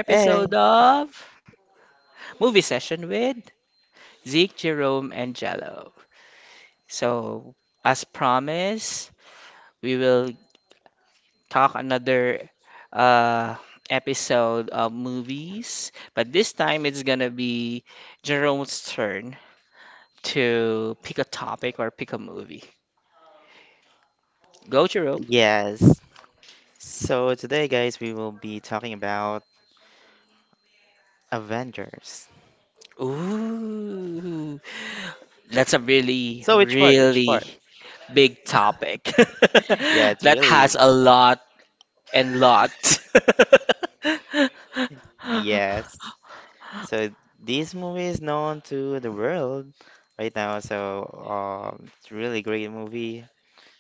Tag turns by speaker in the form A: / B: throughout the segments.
A: Eh, yes. So today, guys, we will be talking about Avengers. So which part? Yeah, it's really yes. So this movie is known to the world right now. It's really great movie.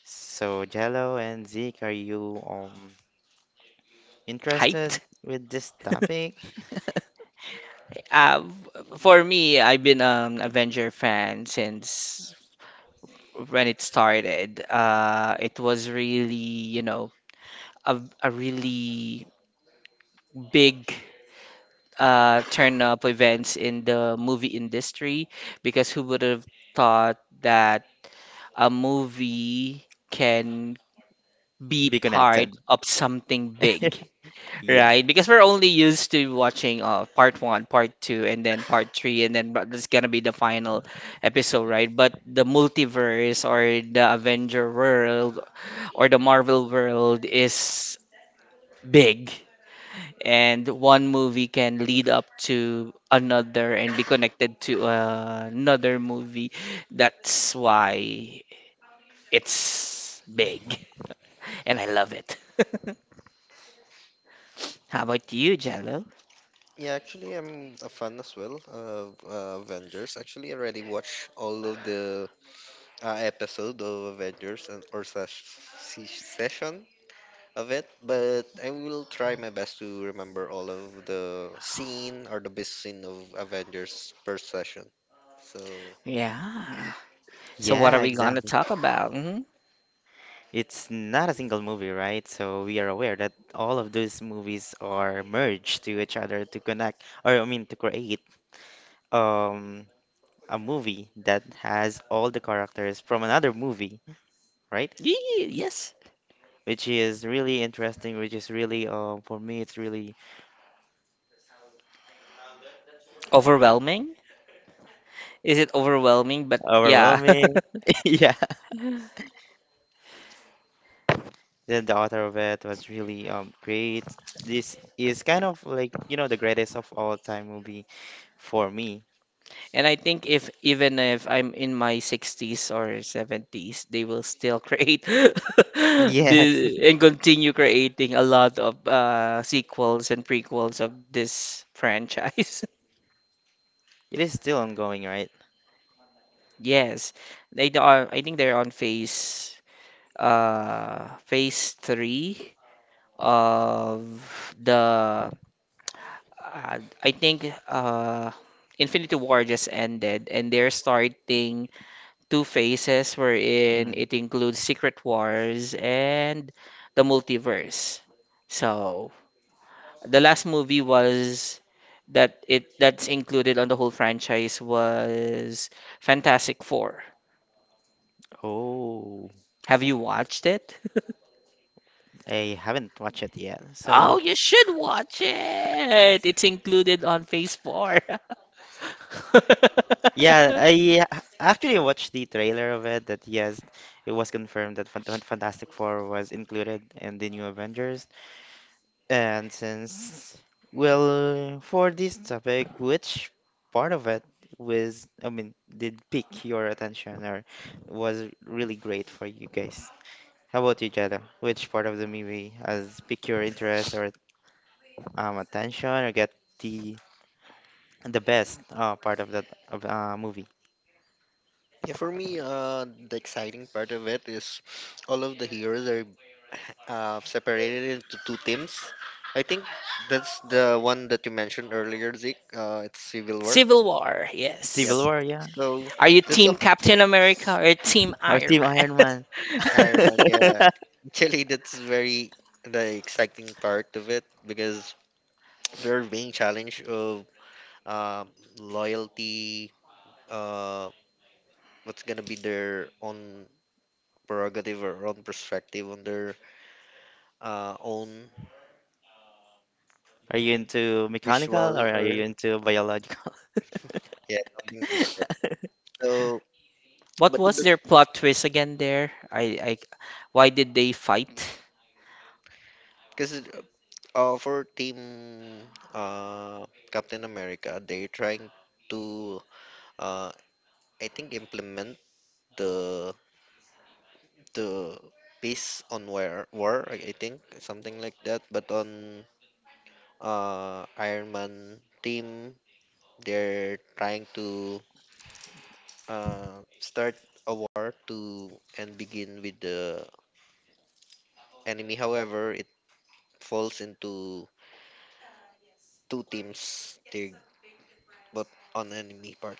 A: So Jello and Zeke, are you interested with this topic? Be connected. Yeah.
B: Yeah, actually, I'm a fan as well of Avengers. Actually, I already watched all of the episode of Avengers and or session of it, but I will try my best to remember all of the scene or the best scene of Avengers per session. So
A: Yeah, exactly. It's not a single movie, right? So we are aware that all of those movies are merged to each other to connect, or I mean, to create um a movie that has all the characters from another movie, right? Which is really interesting, which is really, for me, it's really overwhelming. Yeah. Then the author of it was really great. This is kind of like, you know, the greatest of all time movie for me. Yes. It is still ongoing, right? Mm. Oh, I haven't watched it yet. So, yeah, actually watched the trailer of it that yes, it was confirmed that Fantastic Four was included in the new Avengers. And since, well, for this topic, which part of it was, I mean, did pique your attention or was really great for you guys? How about you, Jada? Which part of the movie has piqued your interest or attention or get the the best part of movie.
B: yeah, for me, the exciting part of it is all of the heroes are separated it into two teams. I think that's the one that you mentioned earlier, Zeke. It's Civil War. Yeah.
A: Civil War, yeah,
B: So that's some
A: or Team Iron Man.
B: Iron Man. Yeah. Actually, that's very the exciting part of it because they're being challenged of um, loyalty. Uh, what's gonna be their own prerogative or own perspective on their own
A: Are you into mechanical or
B: visual
A: are you
B: or
A: into biological?
B: yeah something like that. So, but the because for Team uh, Captain America, they're trying to, uh, I think, implement the the peace on war, I think, something like that. But on Iron Man team, they're trying to start a war to and begin with the enemy. However, it falls into two teams. They but on enemy part.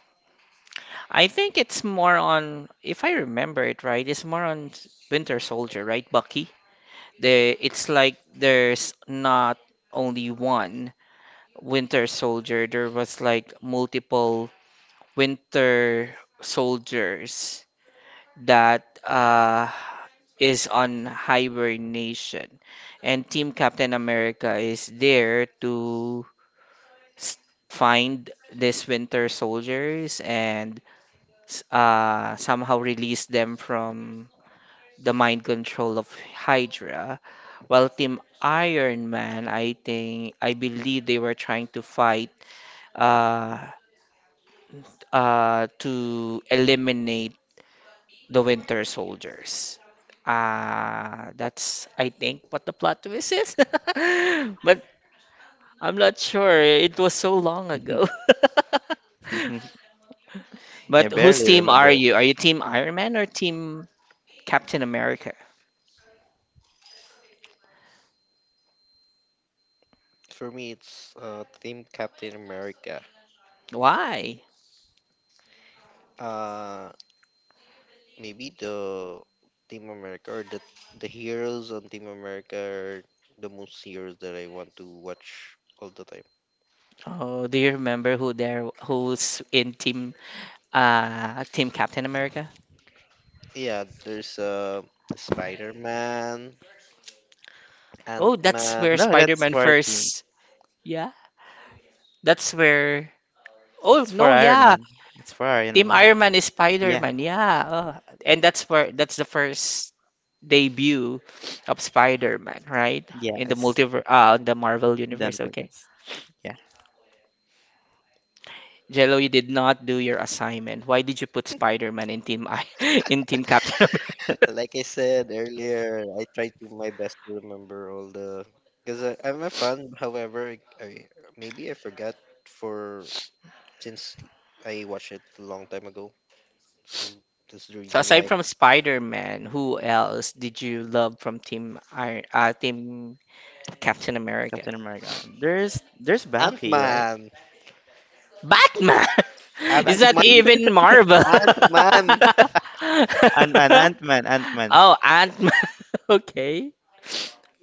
A: Yeah, barely remember it.
B: For me, it's Team Captain America. Uh, maybe the Team America or the heroes on Team America are the most heroes that I want to watch all the time. Yeah, there's Spider-Man, Ant-Man.
A: No, that's for a team. It's for Iron Man. It's for Iron Man. Yeah, yes. Done for this. Yeah.
B: Like I said earlier, I try to my best to remember all the because I'm a fan. However, maybe I forgot for since I watched it a long time ago. So that's the reason why.
A: Captain America. There's
B: Ant
A: Bucky, right?
B: Man, Ant Man,
A: Batman.
B: Ant Man,
A: Ant-Man, Ant-Man, Ant-Man.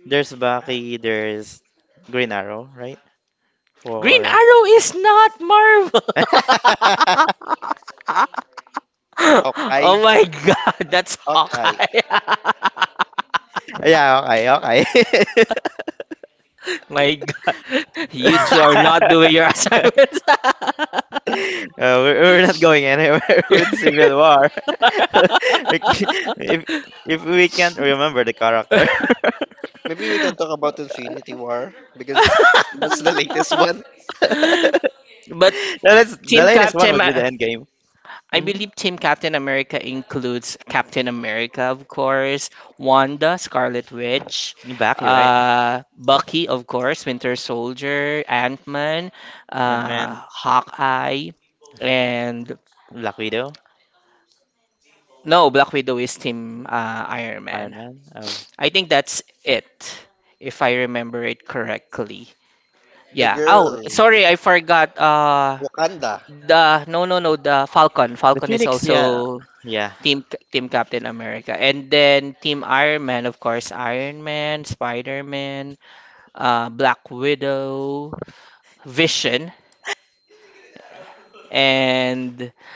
A: There's Baki, there's Green Arrow, right? For
B: Hawkeye, Hawkeye.
A: yeah, okay, okay. We're not going anywhere with Civil War. We c- if if we can't remember the character,
B: Maybe we can talk about Infinity War because that's the latest one.
A: latest, the latest one would be the Endgame. Mm-hmm. Baki, right? Ant Man, Black Widow, Iron Man. Oh,
B: The girl, Wakanda,
A: the Phoenix. Yeah, yeah,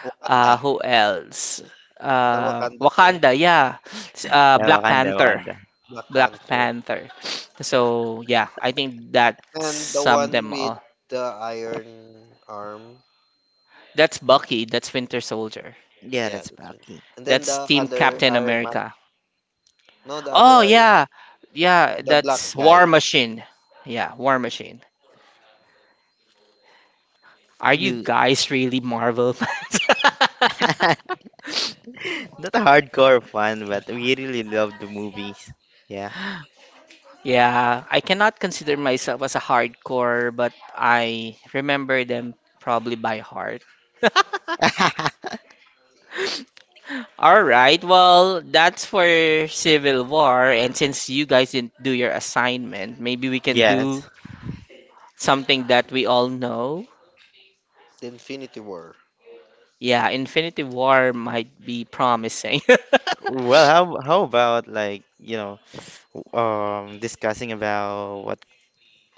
B: Wakanda, the Wakanda thing,
A: yeah. Wakanda, Wakanda.
B: Black Panther, and the one with the iron arm.
A: Yeah,
B: Yeah,
A: that's
B: that's it.
A: Bucky.
B: And then the other Iron Man. No, the other Iron, the black guy,
A: You not a hardcore fan, but we really love the movies. Yeah. Yes.
B: the Infinity War.
A: Well, how about like, you know, discussing about what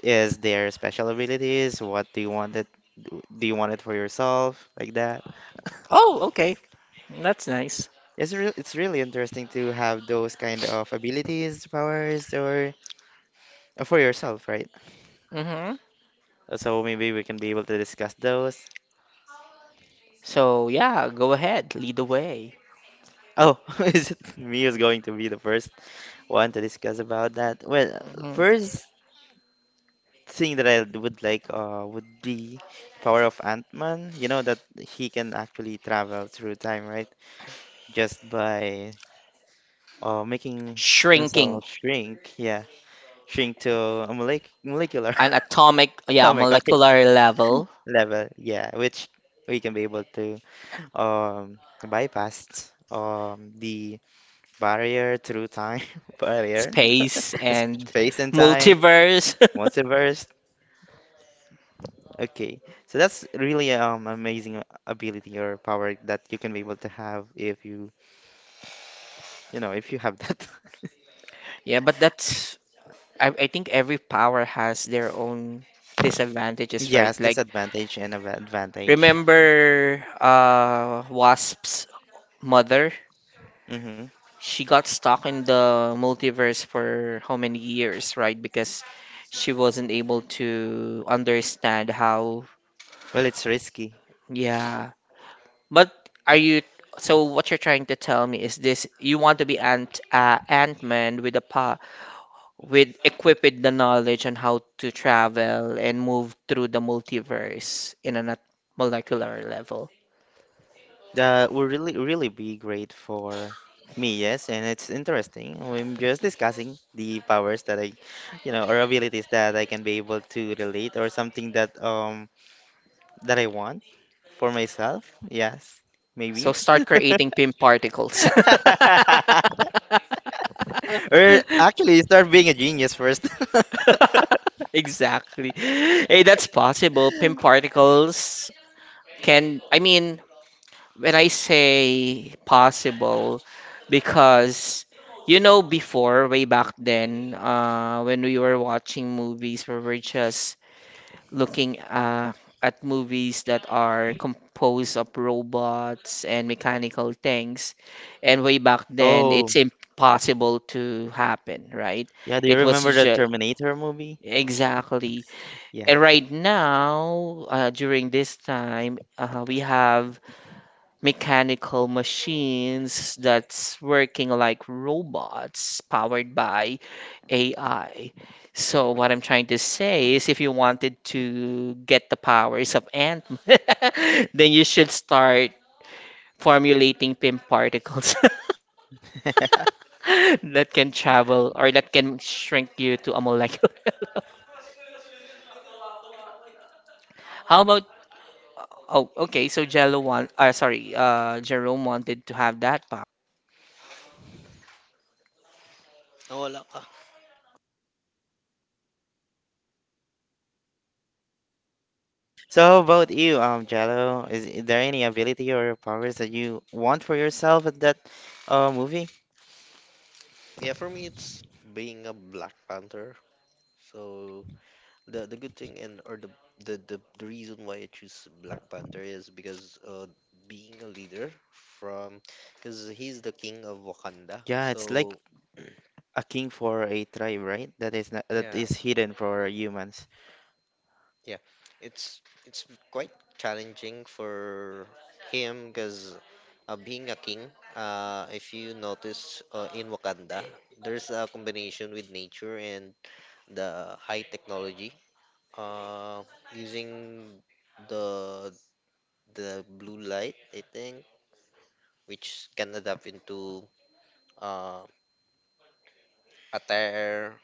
A: is their special abilities, what do you want it do you want it for yourself, like that? It's really interesting to have those kind of abilities, powers or for yourself, right? So maybe we can be able to discuss those. Oh, is it me who's going to be the first one to discuss about that? Well, first thing that I would like would be the power of Ant-Man. You know that he can actually travel through time, right? Just by making himself shrink, yeah, shrink to a molecular atomic okay level, yeah, which we can be able to um bypass the Barrier through time, barrier, space and time, multiverse. Okay, so that's really amazing ability or power that you can be able to have if you you know if you have that. Yes, disadvantage and advantage. Mm-hmm. Well, it's risky. That would really really be great for me. Yes, and it's interesting. I'm just discussing the powers that I, you know, or abilities that I can be able to relate or something that that I want for myself. Yes, maybe. Or actually, start being a genius first. Oh, yeah. Do you remember the Terminator movie? Yeah.
B: Nawala ka.
A: So how about you, Jello? Is there any ability or powers that you want for yourself at that movie?
B: Yeah, for me it's being a Black Panther. So the good thing and or the the reason why I choose Black Panther is because being a leader from because he's the king of Wakanda.
A: Yeah, it's like
B: So
A: a king for a tribe, right? That is not, that
B: yeah,
A: is hidden for humans.
B: yeah. It's it's quite challenging for him because being a king, if you notice in Wakanda, there's a combination with nature and the high technology. Uh, using the the blue light, I think, which can adapt into uh, attire,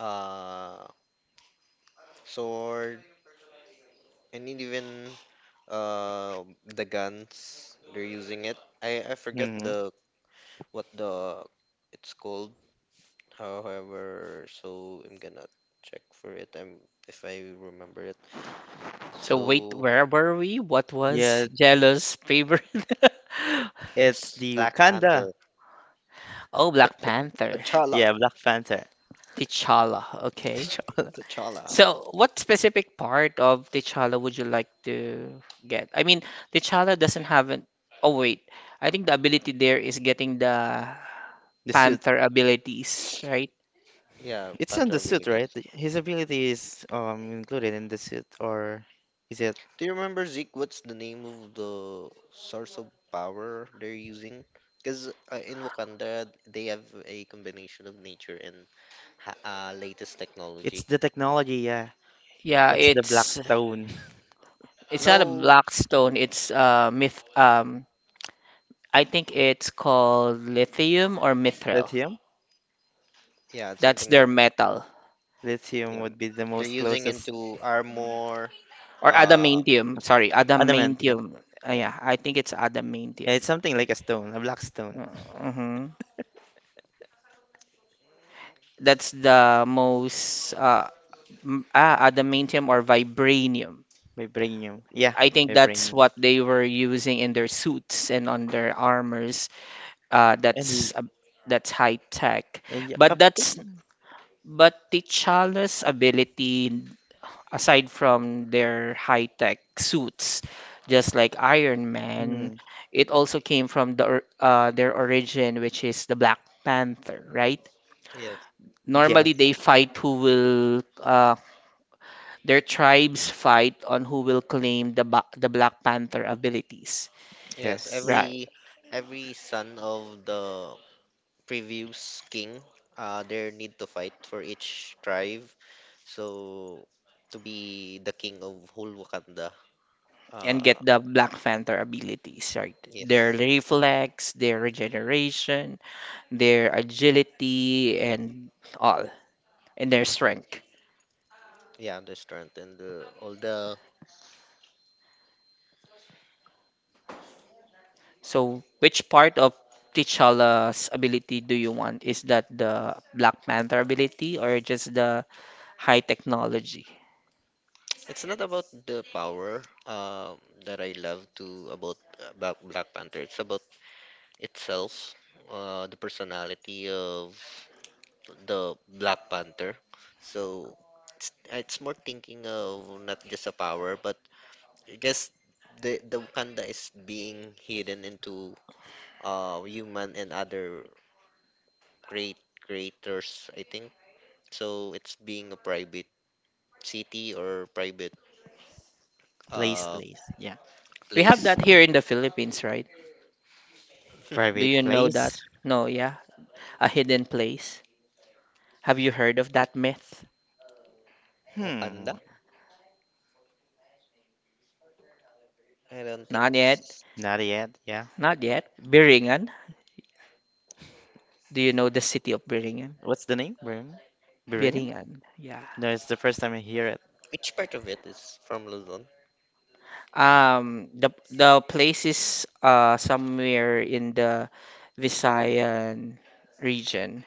B: uh, sword, and even uh, the guns they're using it. I forget
A: Hmm.
B: the what the it's called. However, so I'm gonna check for it. I'm if I remember it.
C: So wait,
B: So
C: where were we? What was
A: Yeah,
C: Jello's favorite?
A: it's
B: it's
A: the
B: Black
A: Wakanda.
B: Panther,
C: Oh, Black Panther.
B: T'Challa,
A: Yeah, Black Panther.
C: T'Challa. Okay.
A: T'Challa.
B: T'Challa.
C: So what specific part of T'Challa would you like to get? I mean, T'Challa doesn't have an... Oh, wait. I think the ability there is getting the
A: The suit.
C: Panther abilities, right?
B: Yeah,
A: It's in
B: Panther
A: the suit, right?
B: abilities.
A: His ability is included in the suit, or is it?
B: Do you remember Zeke? What's the name of the source of power they're using? Because in Wakanda, they have a combination of nature and latest
A: It's
B: technology.
A: the technology, yeah.
C: Yeah,
A: It's the black
C: it's
A: stone.
C: it's not a
B: No,
C: black stone. It's myth. I think it's called lithium or mithril.
A: Lithium?
B: yeah, it's
C: That's
B: something
C: their
B: like
C: metal.
A: Lithium
B: yeah,
A: would be the
B: they're
A: most
B: using
A: closest.
B: into armor.
C: Or
B: Uh,
C: adamantium. Sorry,
A: Adamantium.
C: adamantium. Yeah, I think it's adamantium.
A: Yeah, it's something like a stone, a black stone.
C: Mm-hmm. That's the most adamantium or vibranium.
A: Vibranium. Yeah,
C: I think that's
A: vibranium.
C: what they were using in their suits and on their armors. Uh,
A: And
C: that's
A: he,
C: a that's high tech.
A: and yeah,
C: But that's
A: Captain.
C: but T'Challa's ability, aside from their high-tech suits, just like Iron Man,
A: Hmm.
C: it also came from the their origin, which is the Black Panther, right?
B: yes,
C: Normally,
A: Yes,
C: they fight who will their tribes fight on who will claim the Black Panther abilities,
B: yes.
A: yes.
C: right?
B: Every son of the previous king, their need to fight for each tribe. So to be the king of whole Wakanda,
C: And get
B: uh,
C: the Black Panther abilities, right? Their
B: yes,
C: reflex, their regeneration, their agility, and all, and their strength.
B: yeah, the strength and the, all the.
C: So, which part of T'Challa's ability do you want? Is that the Black Panther ability or just the high technology?
B: It's not about the power that I love to about Black Panther. It's about itself, the personality of the Black Panther. So it's more thinking of not just a power, but I guess the Wakanda is being hidden into human and other great creators, I think. So it's being a private city or private
A: Place,
B: uh
A: place. Yeah.
C: We have
B: place.
C: that here in the Philippines, right? Do
A: Private
C: you know that?
A: place.
C: No, yeah. A hidden place. Have you heard of that myth?
B: Wakanda?
A: Hmm.
B: I don't think.
C: Not yet.
B: S-
A: Not yet. Yeah.
C: Not yet. Biringan. Do you know the city of Biringan?
A: What's the name? Bering? Bering?
C: Biringan. Yeah.
A: No, it's the first time I hear it.
B: Which part of it is from Luzon?
C: The place is somewhere in the Visayan region.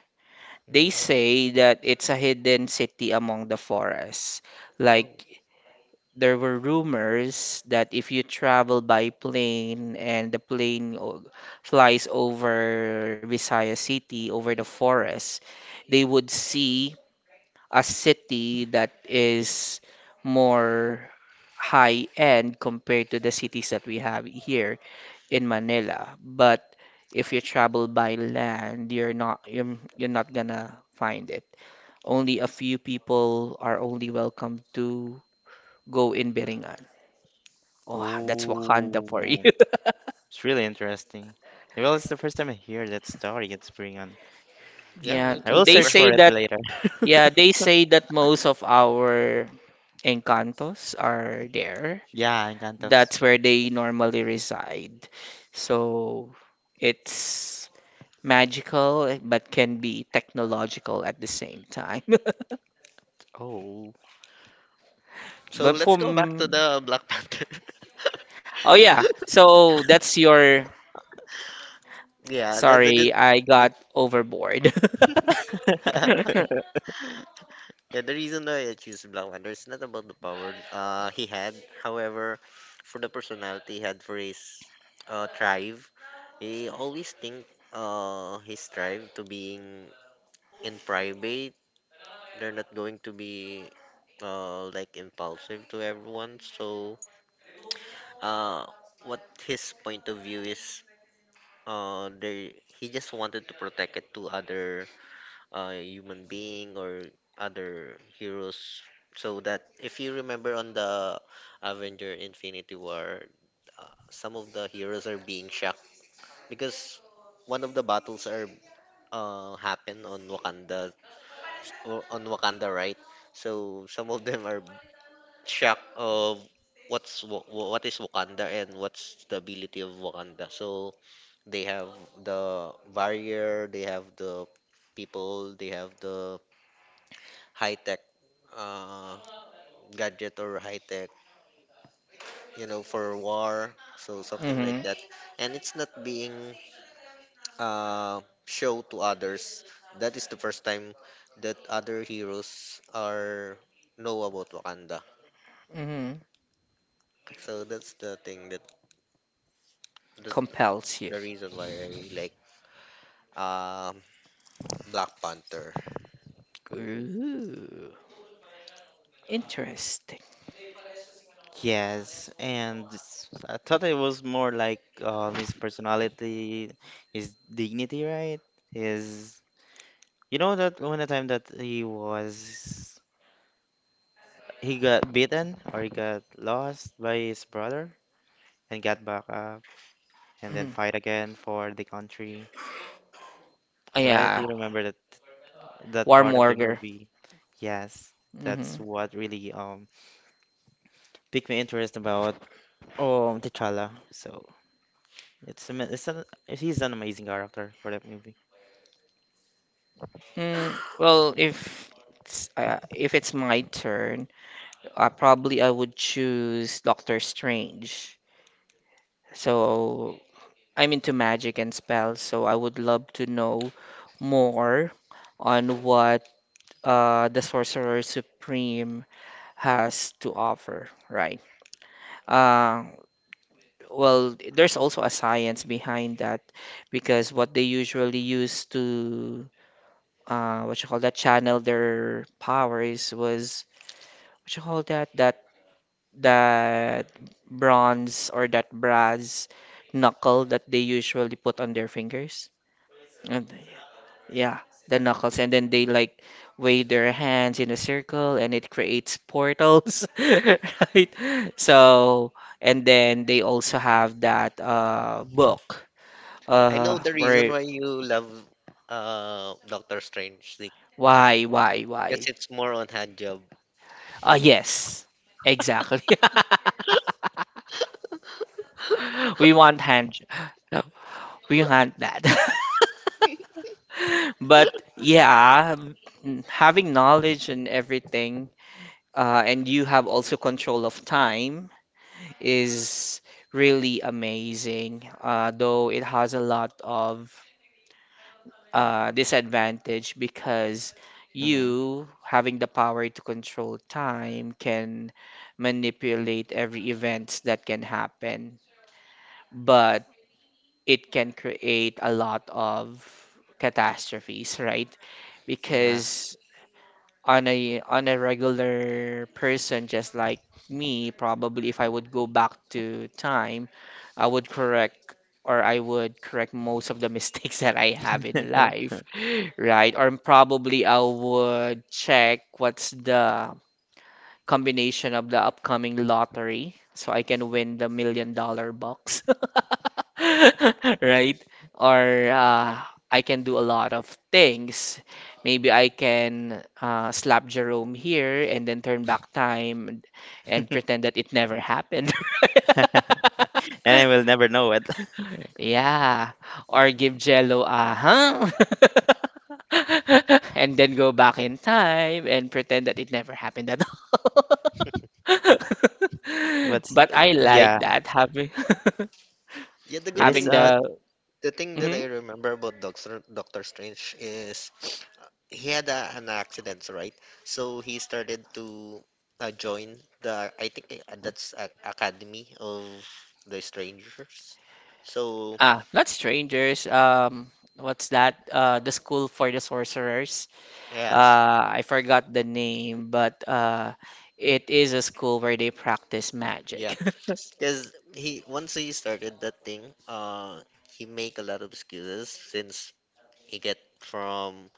C: They
B: Mm.
C: say that it's a hidden city among the forests.
B: Oh,
C: Like, there were rumors that if you travel by plane and flies over Visayas City, over the forest, they would see a city that is more high end compared to the cities that we have here in Manila. But if you travel by land, you're not gonna find it. Only a few people are only welcome to go in Biringan. Oh, that's Wakanda
A: Ooh,
C: for you.
A: it's really interesting. Well, it's the first time I hear that story. It's bring on.
B: yeah,
C: Yeah,
B: me
A: I
B: too.
A: will
C: they
B: Never
A: search for
C: say
B: heard.
A: it
C: that.
A: later.
C: Yeah, they say that most of our Encantos are there.
A: Yeah, Encantos.
C: That's where they normally reside. So it's magical, but can be technological at the same time.
A: Oh.
B: So
C: But
B: let's
C: for
B: go back to
C: m-
B: the Black Panther.
C: oh yeah, so that's your...
B: yeah, the the good.
C: Sorry, I got overboard.
B: the- Yeah, the reason why I choose Black Panther is not about the power he had, however, for the personality he had for his tribe, he always think his tribe to being in private. They're not going to be like impulsive to everyone. So uh what his point of view is they he just wanted to protect it to other human being or other heroes. So that if you remember on the Avenger Infinity War, some of the heroes are being shocked because one of the battles are happen on Wakanda or on Wakanda, right? So some of them are shocked of what's what is Wakanda and what's the ability of Wakanda. So they have the warrior, they have the people, they have the high uh, gadget or high tech, you know, for war, so something like
C: Hmm.
B: that. And it's not being show to others. That is the first time that other heroes are know about Wakanda.
C: Hmm.
B: So that's the thing that that's
C: Compels you.
B: the reason why I like um Black Panther.
C: Ooh, interesting.
A: Yes, and I thought it was more like his personality, his dignity, right? His, you know that one time that he was He got beaten or he got lost by his brother and got back up and then
C: Hmm.
A: fight again for the country. Right?
C: Yeah,
A: You remember that that
C: warm
A: part of the
C: burger.
A: movie? Yes, that's
C: Hmm.
A: what really piqued my interest about T'Challa. So it's he's an amazing character for that movie.
C: Mm, well, if it's my turn, probably I would choose Doctor Strange. So I'm into magic and spells, so I would love to know more on what the Sorcerer Supreme has to offer, right? Uh, well, there's also a science behind that because what they usually use to what you call that channel their powers was what you call that that that bronze or that brass knuckle that they usually put on their fingers. And yeah, the knuckles, and then they like wave their hands in a circle, and it creates portals, right? So, and then they also have that book,
B: I know the reason
C: where...
B: why you love Doctor Strange
C: why, why,
B: because
C: why?
B: it's more on hand job.
C: Ah, yes, exactly. We want hand, we want that. But yeah, mm, having knowledge and everything, and you have also control of time is really amazing, though it has a lot of disadvantage because
A: Hmm.
C: you, having the power to control time, can manipulate every events that can happen, but it can create a lot of catastrophes, right?
A: Yeah.
C: Because on a regular person just like me, probably if I would go back to time, I would correct I would correct most of the mistakes that I have in life, right? Or probably I would check what's the combination of the upcoming lottery so I can win the million-dollar box, right? Or uh, I can do a lot of things. Maybe I can slap Jerome here and then turn back time and pretend that it never happened.
A: And I will never know it.
C: Yeah. Or give Jello a huh? And then go back in time and pretend that it never happened at all.
A: What's
C: But I
A: yeah,
C: like that having
B: Yeah, the
A: it
B: good
A: is
C: having
B: thing
C: the...
B: the thing that
C: Mhm.
B: I remember about Doctor Strange is he had a, an accident, right? So he started to join the I think that's a, Academy of the Strangers. So
C: Ah, not strangers. What's that? The school for the sorcerers.
B: yes,
C: I forgot the name, but it is a school where they practice
B: yeah,
C: magic.
B: because he once he started that thing, uh, he make a lot of excuses since he get from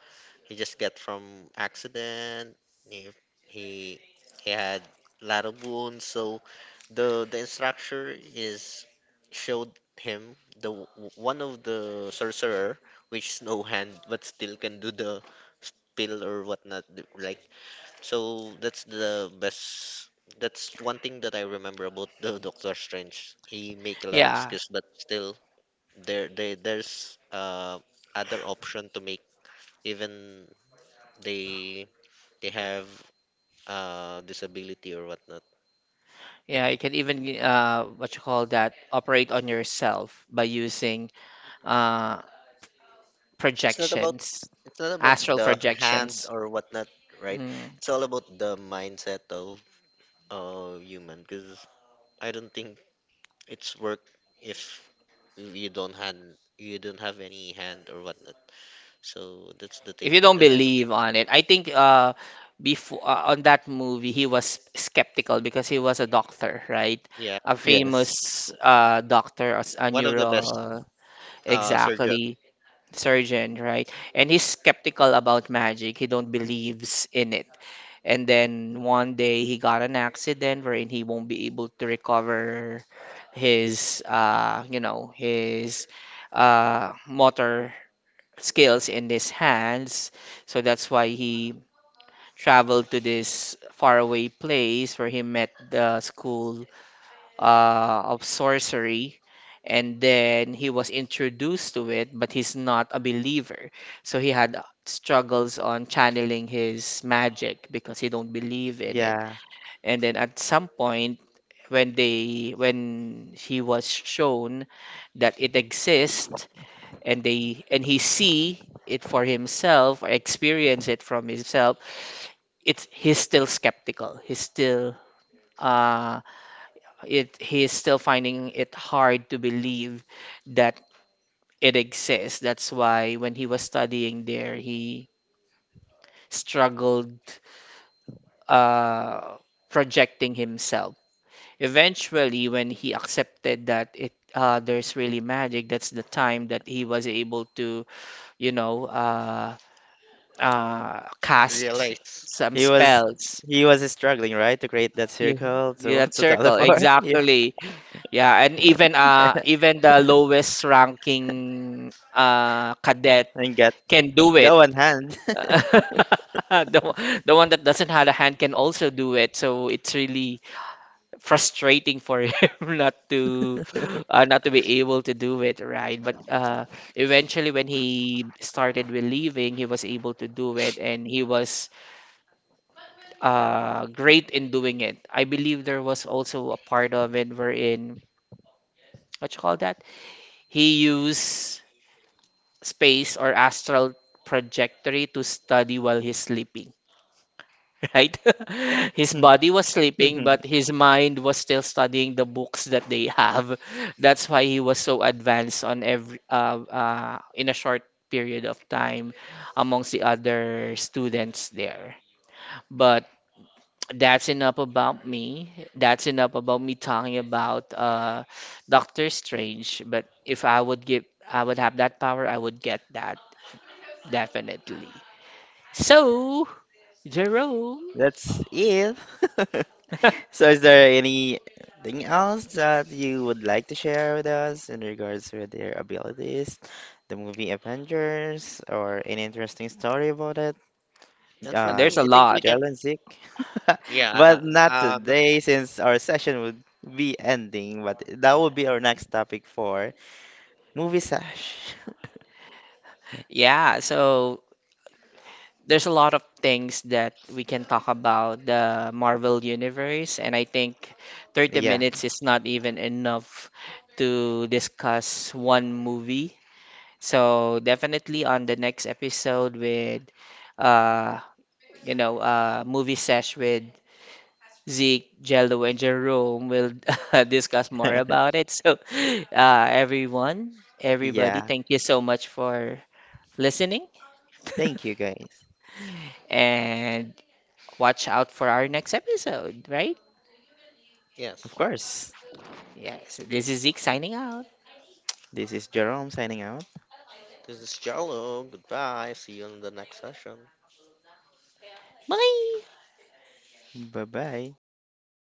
B: he just get from accident. He he he had lot of wounds. So the instructor is showed him the one of the sorcerer which is no hand but still can do the spell or whatnot like so that's the best that's one thing that I remember about the Doctor Strange. He make a lot of
C: Yeah.
B: skills, but still there there's other option to make even they they have disability or whatnot.
C: Yeah, you can even what you call that, operate on yourself by using uh,
B: It's not about
C: projections,
B: it's not about
C: astral
B: the hand
C: projections.
B: or whatnot, right?
C: Mm.
B: It's all about the mindset of human. Because I don't think it's work if you don't hand you don't have any hand or whatnot. So that's the
C: If
B: thing
C: you don't
B: that I remember.
C: believe on it, I think before on that movie he was skeptical because he was a doctor, right?
B: Yeah,
C: A
A: yes.
C: famous doctor, a
B: one of the best
C: neuro,
B: surgeon
C: exactly, surgeon, right? And he's skeptical about magic. He don't believes in it. And then one day he got an accident wherein he won't be able to recover his, you know, his motor skills in his hands. So that's why he traveled to this faraway place where he met the school of sorcery. And then he was introduced to it, but he's not a believer. So he had struggles on channeling his magic because he don't believe in it.
A: Yeah.
C: And then at some point, when he was shown that it exists, and they and he see it for himself or experience it from himself, it's he's still skeptical. Uh he's still finding it hard to believe that it exists. That's why when he was studying there he struggled uh projecting himself. Eventually, when he accepted that it there's really magic, that's the time that he was able to, you know, cast
B: realize.
C: some
A: He was
C: spells.
A: he was struggling, right, to create that
C: You,
A: circle
C: yeah,
A: to
C: that
A: to
C: circle,
A: teleport. Yeah,
C: exactly. Yeah, and even the lowest ranking cadet
A: and get
C: can do it.
A: go on hand.
C: The the one that doesn't have a hand can also do it. So it's really frustrating for him not to not to be able to do it right, but eventually when he started believing he was able to do it and he was great in doing it. I believe there was also a part of it wherein, what you call that he used space or astral trajectory to study while he's sleeping, right? His body was sleeping, but his mind was still studying the books that they have. That's why he was so advanced on every in a short period of time amongst the other students there. But that's enough about me. That's enough about me talking about Doctor Strange. But if I would give, I would have that power, I would get that definitely. So, Jerome,
A: That's it. So, is there anything else that you would like to share with us in regards with their abilities, the movie Avengers, or any interesting story about it?
B: And for
A: uh,
C: there's
B: me,
C: a
B: I think we
C: lot.
B: can.
A: Jelenzik.
B: Yeah,
A: But not
B: uh, uh,
A: today, since our session would be ending. But that will be our next topic for movie sash.
C: Yeah, so there's a lot of things that we can talk about the Marvel Universe, and I think 30
A: Yeah,
C: minutes is not even enough to discuss one movie. So definitely on the next episode with uh movie sesh with Zeke, Jello, and Jerome, we'll discuss more about it. So everybody,
A: yeah.
C: thank you so much for listening.
A: Thank you, guys.
C: And watch out for our next episode, right?
A: Of
B: Yes.
A: course.
C: Yes, this is Zeke signing out.
A: This is Jerome signing out.
B: This is Jello. Goodbye. See you in the next session.
C: Bye!
A: Bye bye.